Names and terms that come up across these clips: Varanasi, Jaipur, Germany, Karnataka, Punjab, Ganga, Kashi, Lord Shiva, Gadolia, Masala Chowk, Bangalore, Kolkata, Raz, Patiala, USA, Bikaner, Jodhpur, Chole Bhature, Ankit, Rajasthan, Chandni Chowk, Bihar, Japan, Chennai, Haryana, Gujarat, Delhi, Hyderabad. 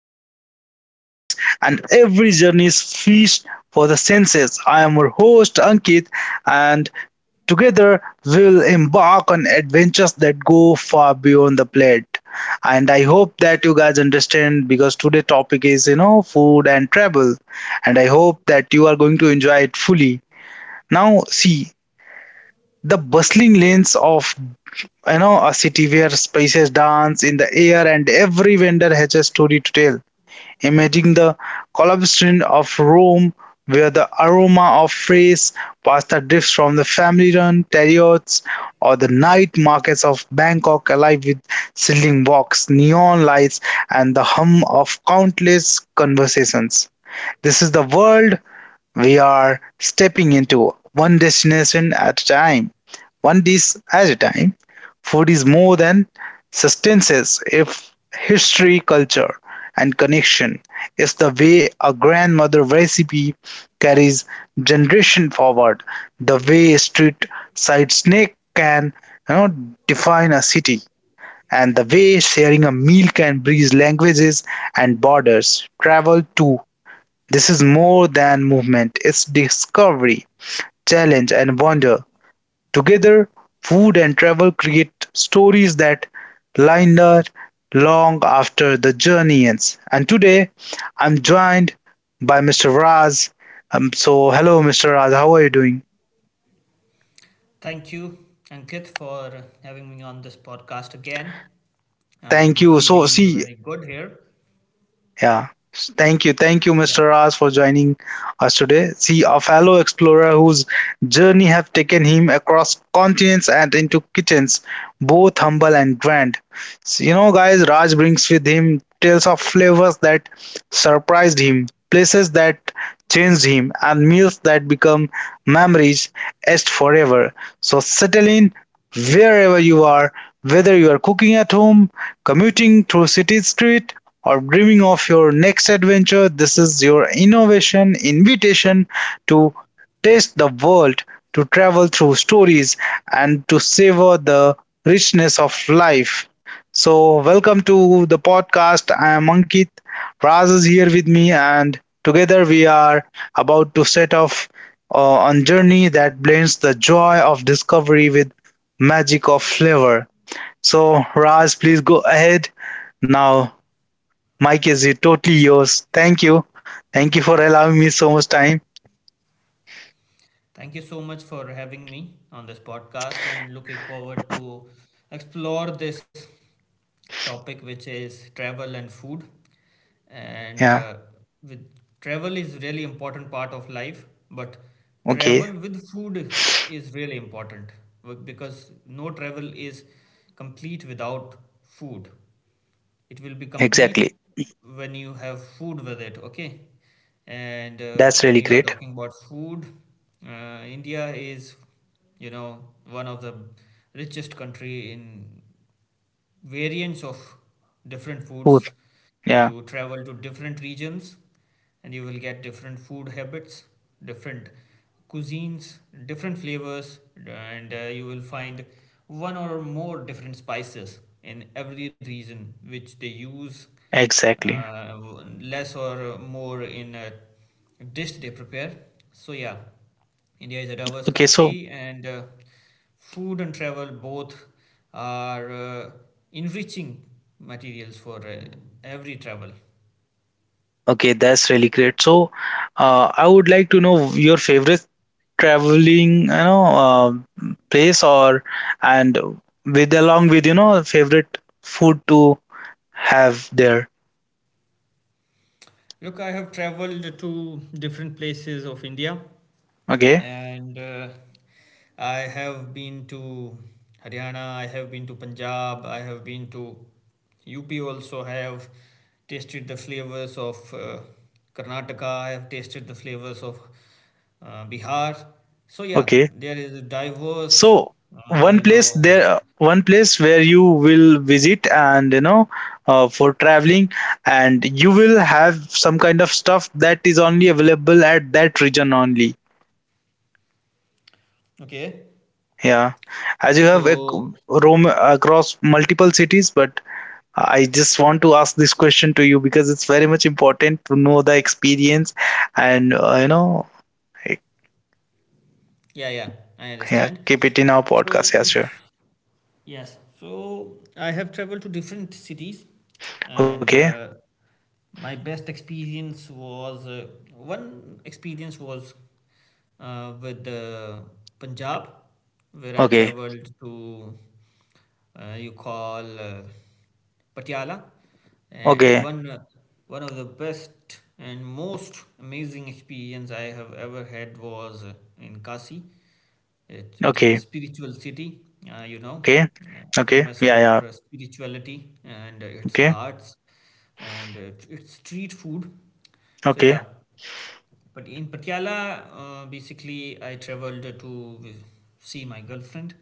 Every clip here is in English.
becomes passports and every journey is feast for the senses. I am your host Ankit, and together we will embark on adventures that go far beyond the plate. And I hope that you guys understand because today's topic is food and travel, and I hope that you are going to enjoy it fully. Now see the bustling lanes of a city where spices dance in the air and every vendor has a story to tell. Imagine the collection of Rome where the aroma of fresh pasta drifts from the family-run terriers or the night markets of Bangkok alive with sizzling walks, neon lights, and the hum of countless conversations. This is the world we are stepping into one destination at a time, one dish at a time. Food is more than sustenance, if history, culture, and connection. It's the way a grandmother recipe carries generation forward, the way a street side snack can you know, define a city, and the way sharing a meal can bridge languages and borders. Travel to this is more than movement, it's discovery, challenge and wonder. Together, food and travel create stories that linger long after the journey ends. And today, I'm joined by Mr. Raz. So, hello, Mr. Raz, how are you doing? Thank you, Ankit, for having me on this podcast again and Thank you. So, feeling see. very good here. Yeah. Thank you. Thank you, Yeah. Mr. Raj, for joining us today. See, a fellow explorer whose journey have taken him across continents and into kitchens, both humble and grand. So, guys, Raj brings with him tales of flavors that surprised him, places that changed him, and meals that become memories etched forever. So settle in wherever you are, whether you are cooking at home, commuting through city street, or dreaming of your next adventure, this is your innovation invitation to taste the world, to travel through stories, and to savor the richness of life. So, welcome to the podcast. I am Ankit. Raz is here with me, and together we are about to set off on journey that blends the joy of discovery with magic of flavor. So, Raz, please go ahead. Now, Mike is you totally yours. Thank you. Thank you for allowing me so much time. Thank you so much for having me on this podcast and looking forward to explore this topic which is travel and food. And Yeah. With travel is really important part of life, but Okay. travel with food is really important because no travel is complete without food. It will be complete Exactly. when you have food with it. Okay. and That's When really you are great. talking about food, india is, you know, one of the richest country in variants of different Cool. foods. Yeah. You travel to different regions and you will get different food habits, different cuisines, different flavors, and you will find one or more different spices in every region which they use Exactly. uh, less or more in a dish they prepare. So, yeah, India is a diverse Okay. So, country, and food and travel both are enriching materials for every travel. okay. That's really great. So, I would like to know your favorite traveling, place or and with along with, favorite food to have there. Look, I have traveled to different places of India Okay. and I have been to Haryana, I have been to Punjab, I have been to UP. Also I have tasted the flavors of Karnataka, I have tasted the flavors of Bihar. So yeah, Okay. there is a diverse, So you one place know, there, one place where you will visit and for traveling, and you will have some kind of stuff that is only available at that region only. okay. Yeah, as you have So roam across multiple cities, but I just want to ask this question to you because it's very much important to know the experience and like, yeah, I yeah, understand. keep it in our So podcast. Yeah, sure. yes. So I have traveled to different cities, and Okay, my best experience was one experience was with Punjab, where I okay, traveled to, you call, Patiala, and okay, one of the best and most amazing experience I have ever had was in Kashi. It is a okay, spiritual city, you know, okay, okay. famous Yeah, yeah. for spirituality and its Okay, ghats and its street food. So okay, yeah, but in Patiala, basically, I traveled to see my girlfriend.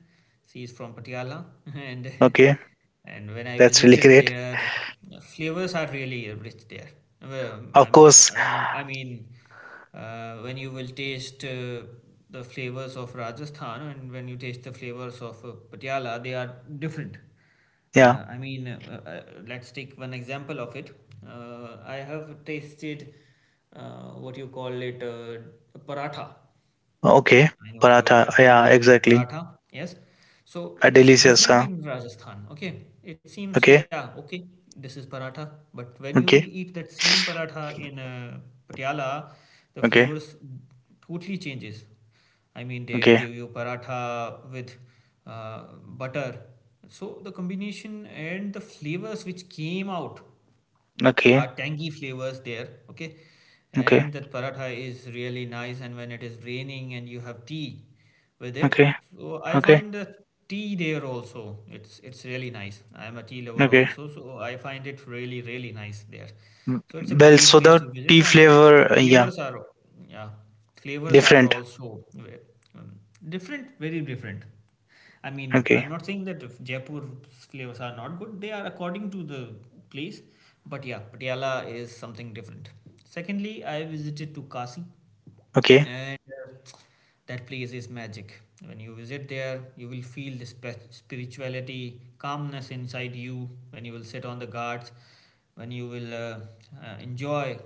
She is from Patiala, and okay. and when I That's really visited great. there, flavors are really rich there. Well, Of I'm, course, I mean, when you will taste the flavors of Rajasthan and when you taste the flavors of Patiala, they are different. yeah. Let's take one example of it. I have tasted what you call it paratha. Okay, I know you are paratha. Yeah, familiar with exactly. paratha, yes? So A it's delicious. different Huh? in Rajasthan, okay? It seems, so Okay, yeah, okay, this is paratha, but when you will okay, eat that same paratha in Patiala, the okay, flavors totally changes. I mean, they okay, give you paratha with butter. So the combination and the flavors which came out, okay, tangy flavors there, okay, okay, and that paratha is really nice, and when it is raining and you have tea with it, okay, so I okay, find the tea there also, it's really nice. I am a tea lover okay. also, so I find it really nice there. Mm. So it's a Well, great so place the to tea visit, and flavor, yeah, flavors are, yeah, flavors are different. also uh, um, different, very different. I mean, Okay, I'm not saying that if Jaipur's flavors are not good, they are according to the place. But yeah, Patiala is something different. Secondly, I visited to Kasi okay. and that place is magic. When you visit there, you will feel the spirituality, calmness inside you, when you will sit on the guards, when you will enjoy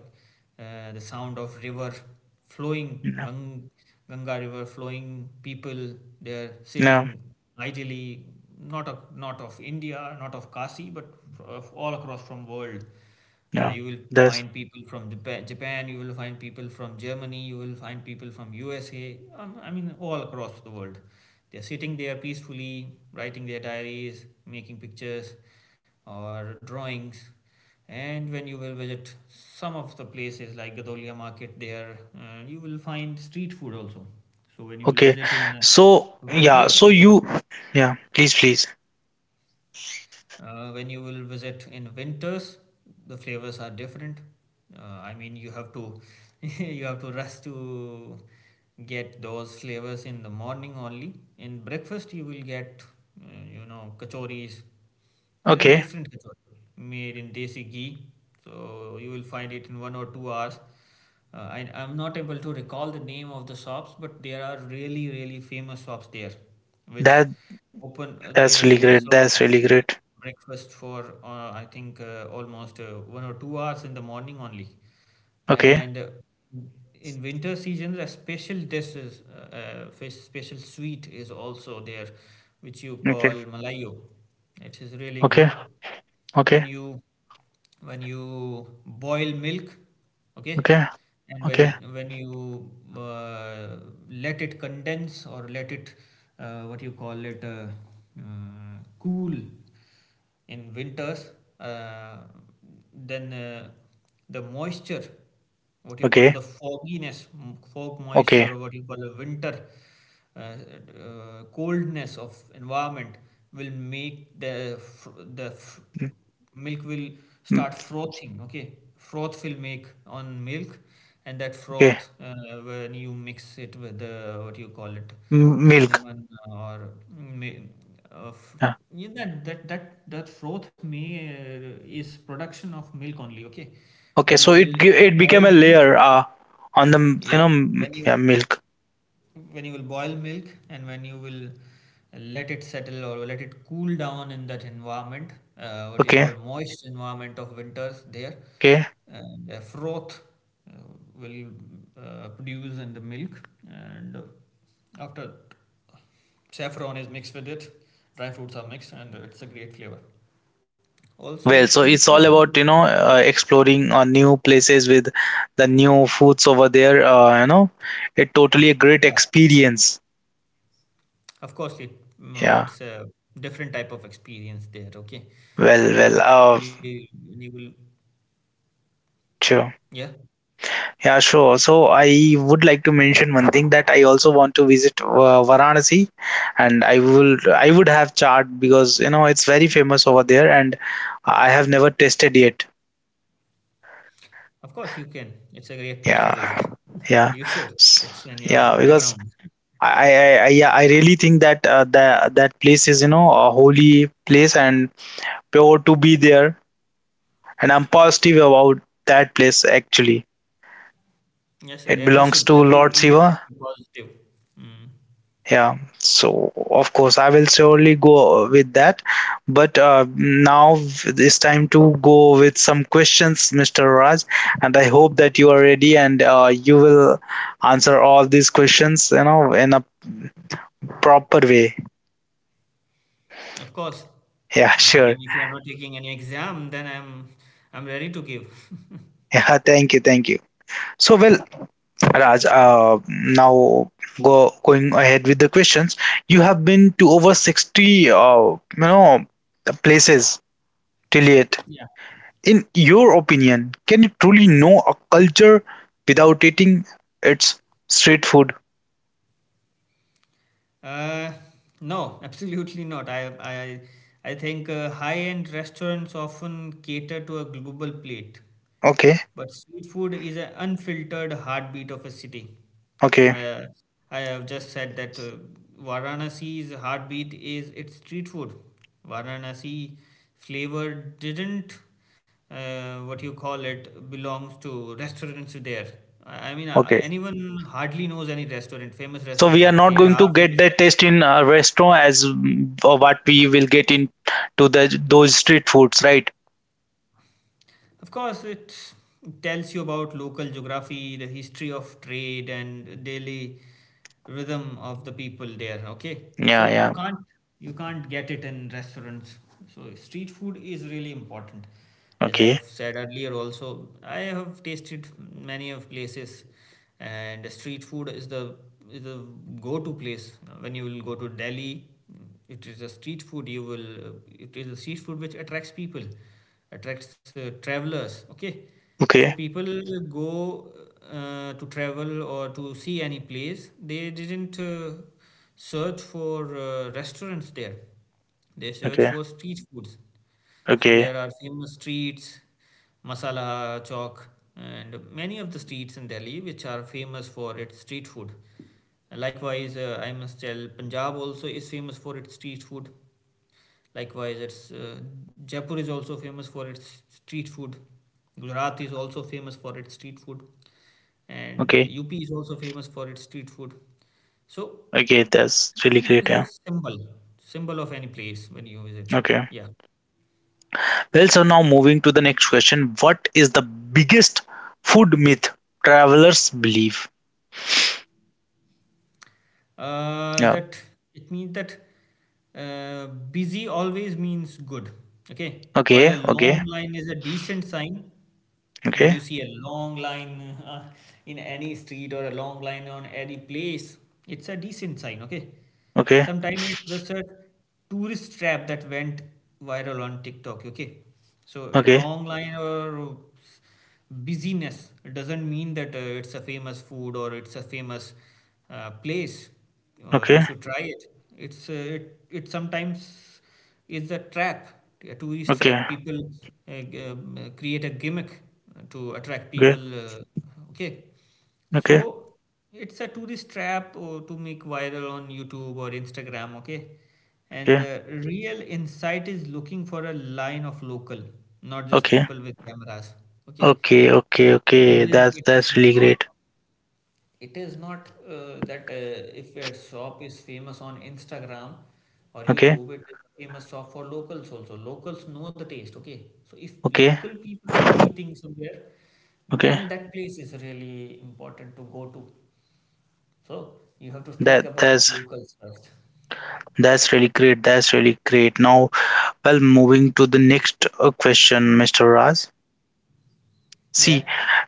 the sound of river flowing, No, Ganga river flowing, people there no, sitting ideally, not of India, not of Kashi, but of all across from world. No. You will That's find people from Japan, you will find people from Germany, you will find people from USA, I mean, all across the world. They're sitting there peacefully, writing their diaries, making pictures or drawings, and when you will visit some of the places like Gadolia market there, you will find street food also. So when you will okay. visit in So yeah, winters so you, yeah. Please, please. When you will visit in winters, the flavors are different. Uh, I mean, you have to you have to rush to get those flavors in the morning only. In breakfast, you will get, you know, kachoris. There is a Okay, different kachori made in desi ghee, so you will find it in one or two hours. I'm not able to recall the name of the shops, but there are really, really famous shops there, which that open that's really they great. That's so really great. breakfast for, I think almost one or two hours in the morning only. Okay, And in winter seasons, a special dish is, a special sweet is also there, which you okay, call malayo. It is really okay, good okay. when you, when you boil milk, okay, Okay. and Okay, when you uh, let it condense or let it, what you call it cool in winters, uh, then uh, the moisture, what you call okay, the fogginess, fog moisture, okay, or what you call a winter coldness of environment, will make the mm, milk will start mm, frothing. Okay, froth will make on milk, and that okay. froth, when you mix it with the what you call it, Milk. cinnamon or may, uh, f- Yeah. yeah, that froth may is production of milk only. Okay, when Okay, you so will it became boil a milk, layer on the yeah, when you yeah, milk. when you will boil milk and when you will let it settle or let it cool down in that environment, what is Okay, called moist environment of winters there, okay. uh, the froth will produce in the milk, and after saffron is mixed with it, dry fruits are mixed, and it's a great flavor also. Well, so Street food it's all and- about exploring new places with the new foods over there. It totally a great yeah. experience. Of course, Yeah. it's a different type of experience there. Okay, Well, so when you well. will, Sure. yeah, Yeah, sure. So I would like to mention one thing that I also want to visit Varanasi, and I would have chaat because it's very famous over there, and I have never tasted yet. of course you can. It's a great place to Yeah, visit. yeah, You should. S- It's in your yeah. Because background. I really think that that that place is a holy place and pure to be there, and I'm Yeah. positive about that place actually. Yes, sir. It Every belongs should to every Lord Indian Shiva. should be positive. Mm. Yeah, so of course I will surely go with that, but now it's time to go with some questions, Mr. Raj, and I hope that you are ready, and you will answer all these questions in a proper way. Of course. Yeah. I Sure. mean, if you are not taking any exam, then I'm ready to give. Yeah, thank you. Thank you. So, well, Raj, now go going ahead with the questions. You have been to over 60 places till yet. Yeah. In your opinion, can you truly know a culture without eating its street food? Uh, no, absolutely not. I think high-end restaurants often cater to a global plate. Okay, But street food is an unfiltered heartbeat of a city. okay, Uh, I have just said that Varanasi's heartbeat is its street food. Varanasi flavor didn't, what you call it, belongs to restaurants there. I mean, okay. anyone hardly knows any restaurant, famous So we are restaurant. not There going to are get famous that taste restaurants. in a restaurant as or what we will get in to the those street foods, right? Of course, it tells you about local geography, the history of trade, and daily rhythm of the people there. Okay, Yeah, so yeah. You can't get it in restaurants. So street food is really important. As I Okay, have said earlier, also I have tasted many of places, and street food is the, is the go-to place. When you will go to Delhi, it is a street food you will, it is a street food which attracts people, attracts travelers, okay? So okay, people go to travel or to see any place, they didn't search for restaurants there, they search okay, for street foods. So okay, there are famous streets, Masala Chowk, and many of the streets in Delhi which are famous for its street food. Likewise, I must tell Punjab also is famous for its street food. Likewise, it's Jaipur is also famous for its street food. Gujarat is also famous for its street food, and okay, UP is also famous for its street food. So, okay. That's street really food great. is a Yeah. symbol, symbol of any place when you visit. Okay. Yeah. Well, so now moving to the next question. What is the biggest food myth travelers believe? Yeah. that it means that busy always means good, okay, while Okay. a Okay. long line is a decent sign. When Okay. you see a long line uh, in any street or a long line on any place, it's a decent sign, okay? Okay, Sometimes it's just a tourist trap that went viral on TikTok, okay? So a okay, long line or busyness doesn't mean that, it's a famous food or it's a famous place or we okay, should try it. It sometimes is a trap, a tourist trap. okay, People create a gimmick to attract okay, people, okay? okay, So it's a tourist trap to make viral on YouTube or Instagram, okay? And okay, the real insight is looking for a line of local, not just okay, people with cameras, okay? okay, So okay, it okay. is That's it is that's really not great. it is not that if a shop is famous on Instagram or Okay, YouTube, it is a famous shop for locals also. Locals know the taste, okay? So if okay, local people are eating somewhere, okay. then that place is really important to go to. So you have to think That about that's locals first. that's really great. That's really great. Now, well, moving to the next question, Mr. Raz. Yeah. See,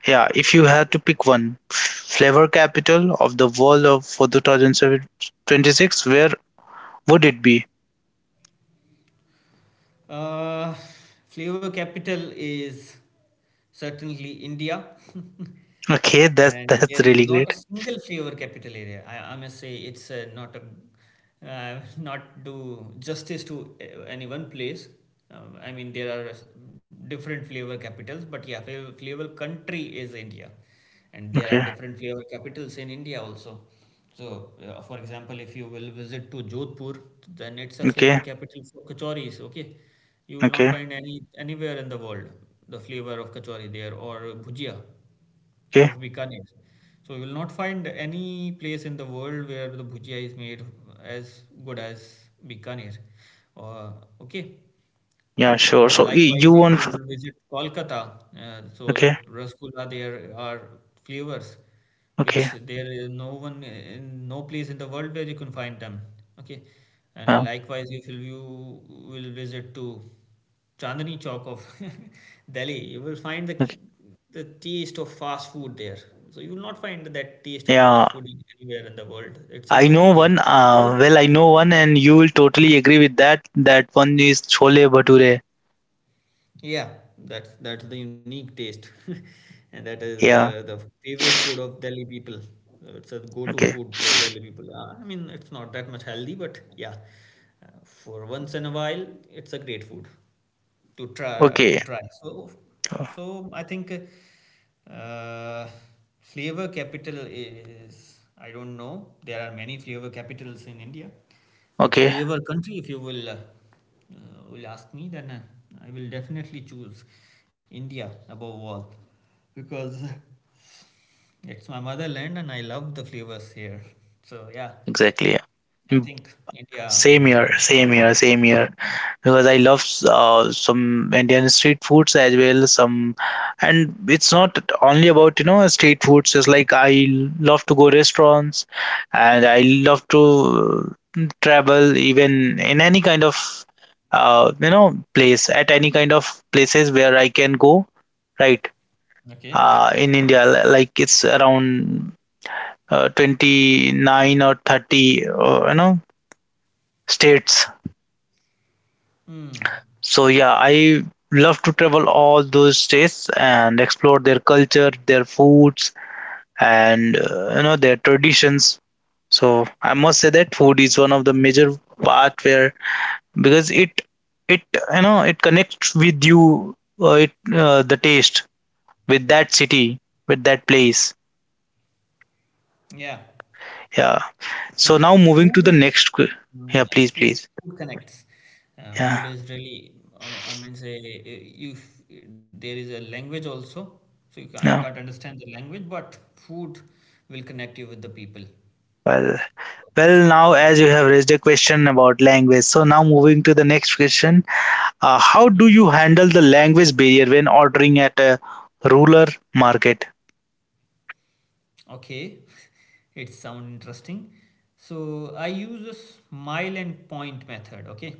yeah, if you had to pick one flavor capital of the world of for 2026, where would it be? Uh, Flavor capital is certainly India, Okay, that's and that's there is really not a great. single flavor capital area. I must say it's not a, not do justice to any one place. I mean there are different flavor capitals, but yeah, flavor country is India, and there are Okay, different flavor capitals in India also. So, for example, if you will visit to Jodhpur, then it's a flavor okay, capital for kachoris. Okay, you will not okay, find anywhere in the world the flavor of kachori there, or bhujia okay. of Bikaner. So you will not find any place in the world where the bhujia is made as good as Bikaner. Uh, okay, Yeah, sure. So you likewise, if want. you will visit Kolkata, so the Okay, rasgulla there are flavors, okay. which there is no one in no place in the world where you can find them. Okay, and Wow. likewise, if you will visit to Chandni Chowk of Delhi, you will find the Okay. Taste of fast food there. So you will not find that taste of Yeah, fast food anywhere in the world. It's a I know unique taste. one. I know one, and you will totally agree with that. That one is Chole Bhature. Yeah, that's the unique taste, and that is Yeah. The favorite food of Delhi people. It's a go-to Okay. food for Delhi people. I mean, it's not that much healthy, but yeah, for once in a while, it's a great food to try Okay. So I think uh, flavor capital is I don't know. There are many flavor capitals in India, but Okay. flavor country, if you will. Will ask me, then I will definitely choose India above all because it's my motherland and I love the flavors here. So yeah, Exactly. Yeah. I Mm. think India Same here. is Same here. Same here. yeah. Because I love some Indian street foods as well. Some, and it's not only about street foods. Just like I love to go restaurants, and I love to travel even in any kind of place at any kind of places where I can go, right? Okay. In India, like it's around 29 or 30, states. Hmm. So yeah, I love to travel all those states and explore their culture, their foods, and their traditions. So I must say that food is one of the major part where because it it connects with you, it the taste with that city with that place. Yeah. Yeah. So So now moving to food the is next. Yeah, mm, yeah, please, food please. food connects. Food Yeah. is really I mean say you f- there is a language also, so you can you Yeah. can't understand the language, but food will connect you with the people. Well, well, now as you have raised a question about language, so now moving to the next question. How do Mm. you handle the language barrier when ordering at a rural market? Okay, it sounds interesting. So I use a smile and point method, okay?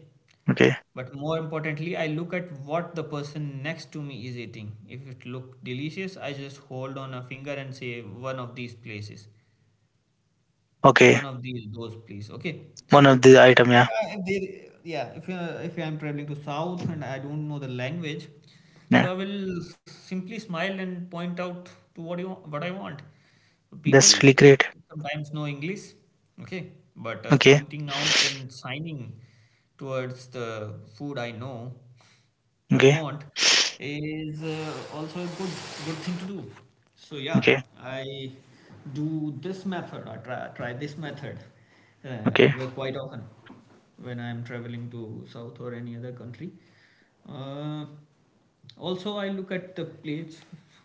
Okay, But more importantly, I look at what the person next to me is eating. If it look delicious, I just hold on a finger and say one of these places, okay, one of these those please. Okay, so one of the item, if yeah, I, if they, yeah if I'm traveling to South and I don't know the language, yeah, so I will simply smile and point out to what you what I want. People that's really great. sometimes know English, okay, but Okay, pointing out and signing towards the food I know I okay, want is also a good thing to do. So yeah, okay, I do this method. I try this method, okay. well, quite often when I am traveling to South or any other country. Uh, also, I look at the plates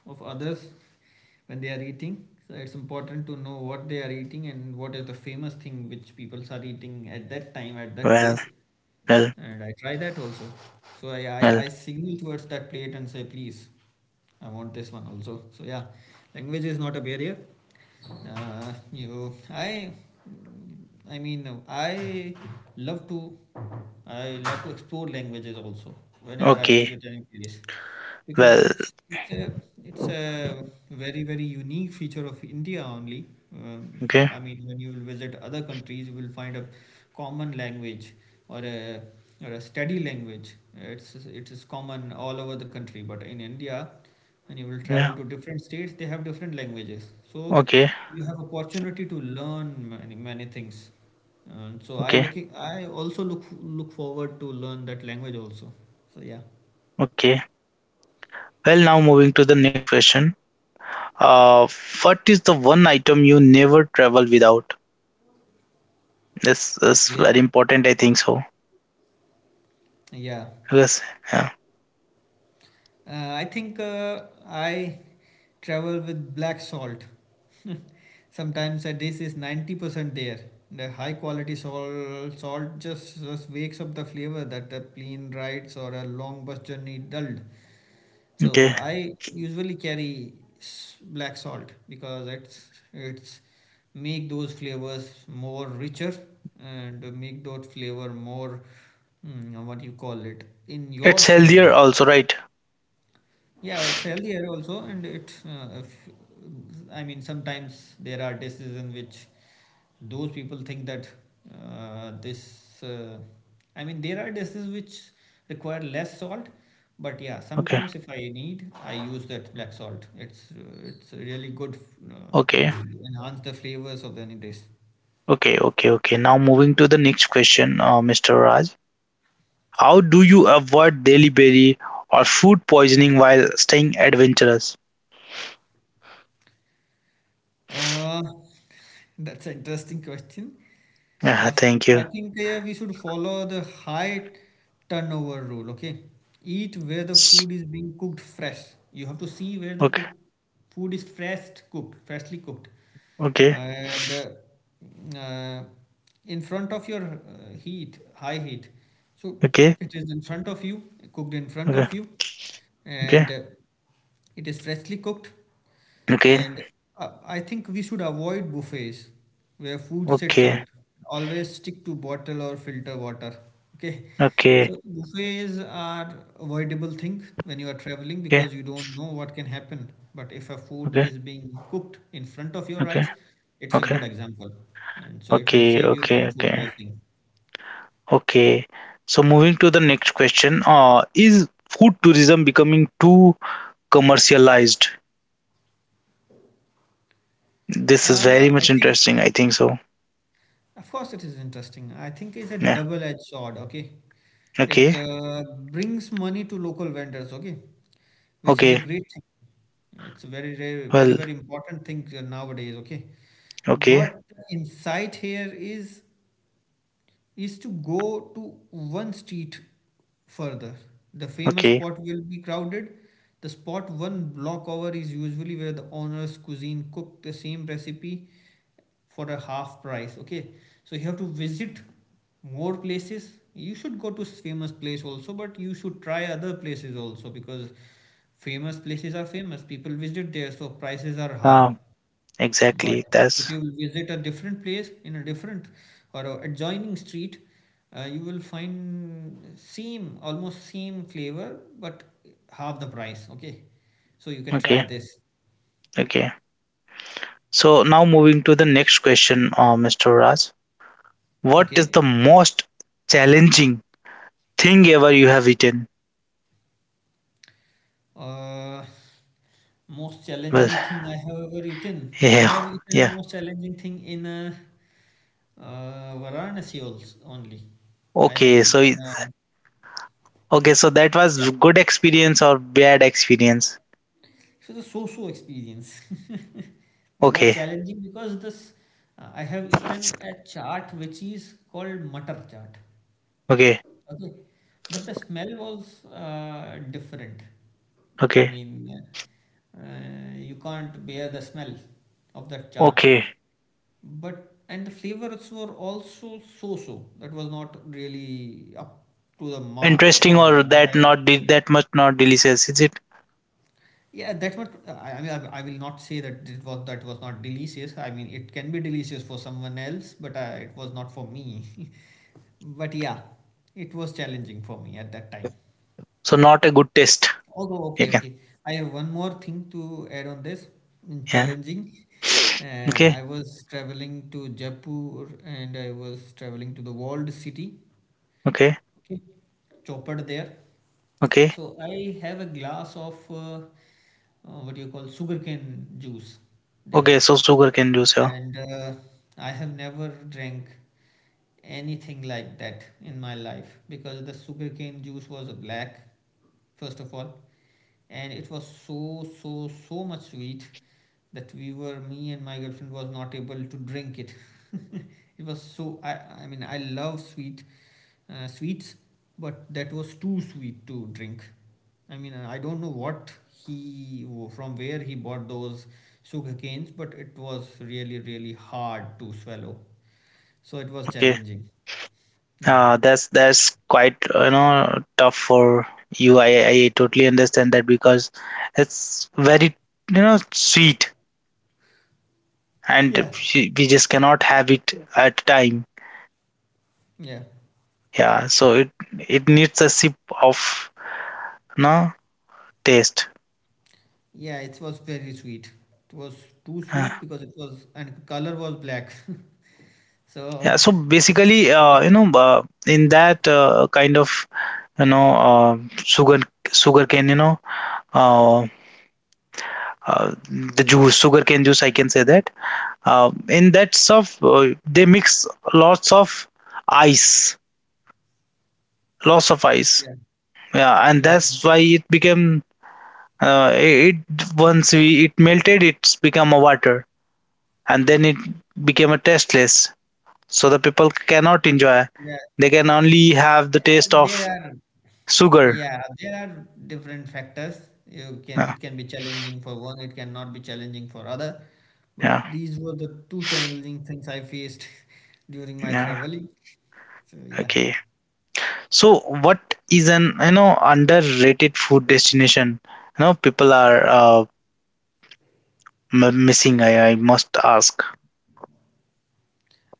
of others when they are eating. So it's important to know what they are eating and what is the famous thing which people are eating at that time at that Well, place. well, And I try that also. So well. I signal towards that plate and say, please, I want this one also. So yeah, language is not a barrier. Uh, you, I, I mean, love to, I love to explore languages also whenever I Okay, visit any place, because well, it's a it's a very very unique feature of India only. For, okay, I mean, when you will visit other countries, you will find a common language or a study language. It is common all over the country, but in India, when you will yeah, travel to different states, they have different languages. So okay, you have opportunity to learn many many things. And so okay, I also look forward to learn that language also. So yeah, okay. Well, now moving to the next question. Uh, what is the one item you never travel without? This is very okay, important, I think so. yeah. Yes, yeah, I travel with black salt. Sometimes a dish is 90% there. The high quality salt just wakes up the flavor that a plane rides or a long bus journey dulled. So okay. I usually carry black salt because it's make those flavors more richer and make that flavor more mm, what you call it in your It's healthier favor. also, right? Yeah, it's healthier also, and it. If, I mean, sometimes there are dishes in which those people think that this I mean there are dishes which require less salt, but yeah, Okay, sometimes if I need, I use that black salt. It's it's really good uh, to okay. enhance the flavors of any dish. Okay, okay, okay. Now moving to the next question, Mr. Raj. How do you avoid delivery or food poisoning while staying adventurous? Uh, That's an interesting question. Yeah, thank I you. think we should follow the high turnover rule, okay? Eat where the S- food is being cooked fresh. You have to see where the Okay, cook food is freshly cooked. okay, And in front of your heat, high heat. So okay, it is in front of you, cooked in front okay, of you, okay, and it is freshly cooked, okay, okay, and I think we should avoid buffets where food sits okay, out. Always stick to bottle or filter water. Okay. okay, okay, So buffets are avoidable thing when you are traveling okay, because you don't know what can happen. But if a food okay, is being cooked in front of your okay, eyes, it's a good example. And so it will okay, save you from okay, food poisoning. okay. So moving to the next question, is food tourism becoming too commercialized? This is very I much think interesting, I think so. Of course, it is interesting. I think it's a Yeah. double-edged sword. Okay, it Okay. Brings money to local vendors. Okay, which is a Okay. great thing. It's a very, very, very, Well, very important thing nowadays. Okay, okay, but insight here is to go to one street further. The famous okay. spot will be crowded. The spot one block over is usually where the owner's cuisine cook the same recipe for a half price. Okay, so you have to visit more places. You should go to famous place also, but you should try other places also because famous places are famous. People visit there, so prices are high. Um, But exactly. if That's you visit a different place in a different or a adjoining street, you will find same almost same flavor but half the price. Okay, so you can try okay, this. okay. So now moving to the next question, Mr. Raj. What is Okay. the most challenging thing ever you have eaten? Uh, Most Well, challenging thing I have ever eaten. I yeah, have eaten the yeah. most challenging thing in Varanasi also only. I Okay, have so eaten. Okay, so that yeah, was good experience or bad experience. It was a so-so experience. It was Okay, challenging because this I have eaten a chaat which is called mutter chaat. okay, Okay, but the smell was different. I okay, mean, you can't bear the smell of that chaat. okay. But and the flavors were also so-so. That was not really up to the mark Interesting or or what I that have not eaten. that much not delicious, is it? Yeah, that's what I mean. I will not say that it was that was not delicious. I mean, it can be delicious for someone else, but it was not for me. But yeah, it was challenging for me at that time. So not a good taste. Although, You okay, can, okay. I have one more thing to add on this. Mm, yeah. challenging. Okay, I was traveling to Jaipur and I was traveling to the walled city, okay, okay, chopper there. okay. So I have a glass of what do you call sugarcane juice there, Okay, so sugar cane juice, yeah. and I have never drank anything like that in my life because the sugarcane juice was black, first of all, and it was so so much sweet that we were me and my girlfriend was not able to drink it. It was so I mean I love sweet sweets, but that was too sweet to drink. I mean, I don't know he, from where he bought those sugar canes, but it was really, really hard to swallow. So it was Okay. challenging. Yeah. That's quite tough for you. I totally understand that because it's very sweet, and Yeah. we just cannot have it at time. Yeah. Yeah, so it needs a sip of no taste. Yeah. It was very sweet. It was too Uh, sweet because it was, and color was black. So yeah, so basically, it was, in that kind of you know uh, sugar sugar cane, uh, the juice, sugar cane juice, I can say that in that stuff they mix lots of ice lots of ice. yeah. Yeah, and Hmm. that's why it became, it once we it melted, it's become a water, and then it became a tasteless, so the people cannot enjoy, Yeah. they can only have the taste of There are, sugar. yeah, there are different factors. You can Yeah. It can be challenging for one, it cannot be challenging for other. But Yeah, these were the two challenging things I faced during my yeah. traveling. So yeah. Okay, so what is an underrated food destination, people are missing, I must ask.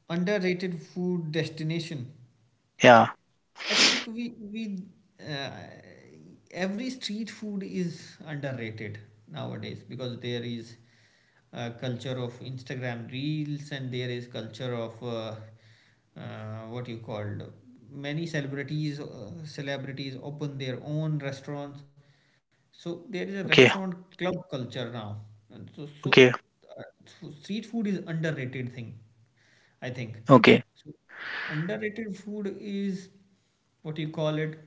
Underrated food destination. Yeah. I think we uh, every street food is underrated nowadays because there is a culture of Instagram reels and there is culture of what you called many celebrities open their own restaurants. So there is a Okay, restaurant club culture now. And so okay, so so street food is underrated thing, I think. okay, So, underrated food is what you call it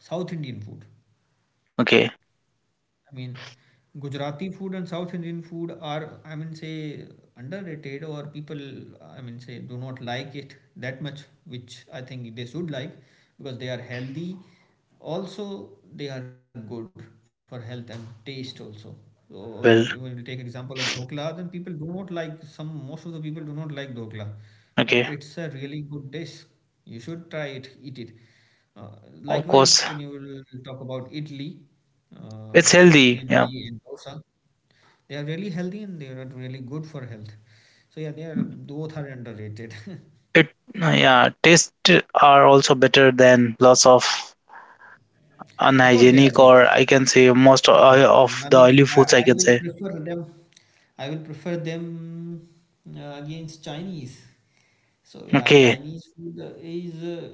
South Indian food. okay. I mean, Gujarati food and South Indian food are, I mean, say underrated, or people, I mean, say do not like it that much, which I think they should like because they are healthy. Also, they are good for health and taste also. So when you Well, take example of dhokla, then people do not like some. Most of the people do not like dhokla, but it's okay. a really good dish. You should try it, eat it. Uh, Of Likewise, when course, you will talk about idli, uh, it's healthy. idli Yeah. and dosa, they are really healthy and they are really good for health. So yeah, they are both are underrated. It, yeah, tastes are also better than lots of Of course, they are unhygienic, better. or I can say most Mm, and of I the mean, oily foods, I I can will say. prefer them. I will prefer them against Chinese. So yeah, Okay, Chinese food is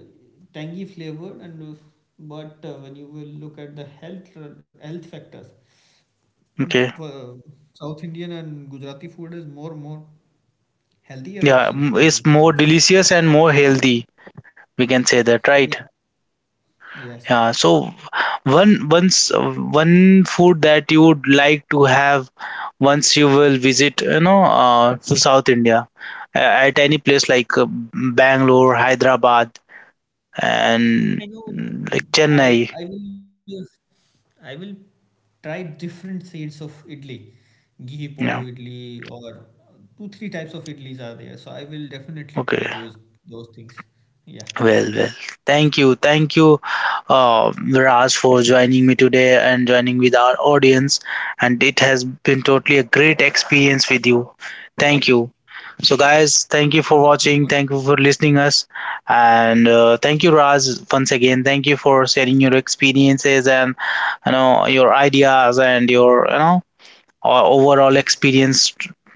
tangy flavored, and but when you will look at the health factors. It's okay. South Indian and Gujarati food is more healthier Yeah, options than it's more Chinese. delicious and more healthy. We can say that, right? Yeah. Yes. Yeah, so one food that you would like to have once you will visit, to South India uh, at any place like Bangalore, Hyderabad, I and know. Like I I Chennai. will uh, I will try different shades of idli, ghee podu idli, Yeah, or 2 3 types of idlis are there. So I will definitely try okay. Those things. Yeah. Well, well, thank you, Raj, for joining me today and joining with our audience. And it has been totally a great experience with you. Thank you. So, guys, Thank thank you you so for much. watching. Thank you for listening us, and thank you, Raj, once again. Thank you for sharing your experiences and your ideas and your overall experience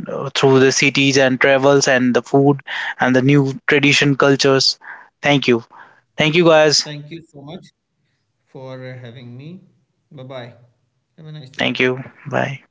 through the cities and travels and the food and the new tradition cultures. Thank you. Thank you, Thank you guys. so much for having me. Bye bye. Have a nice day. Thank you. Bye.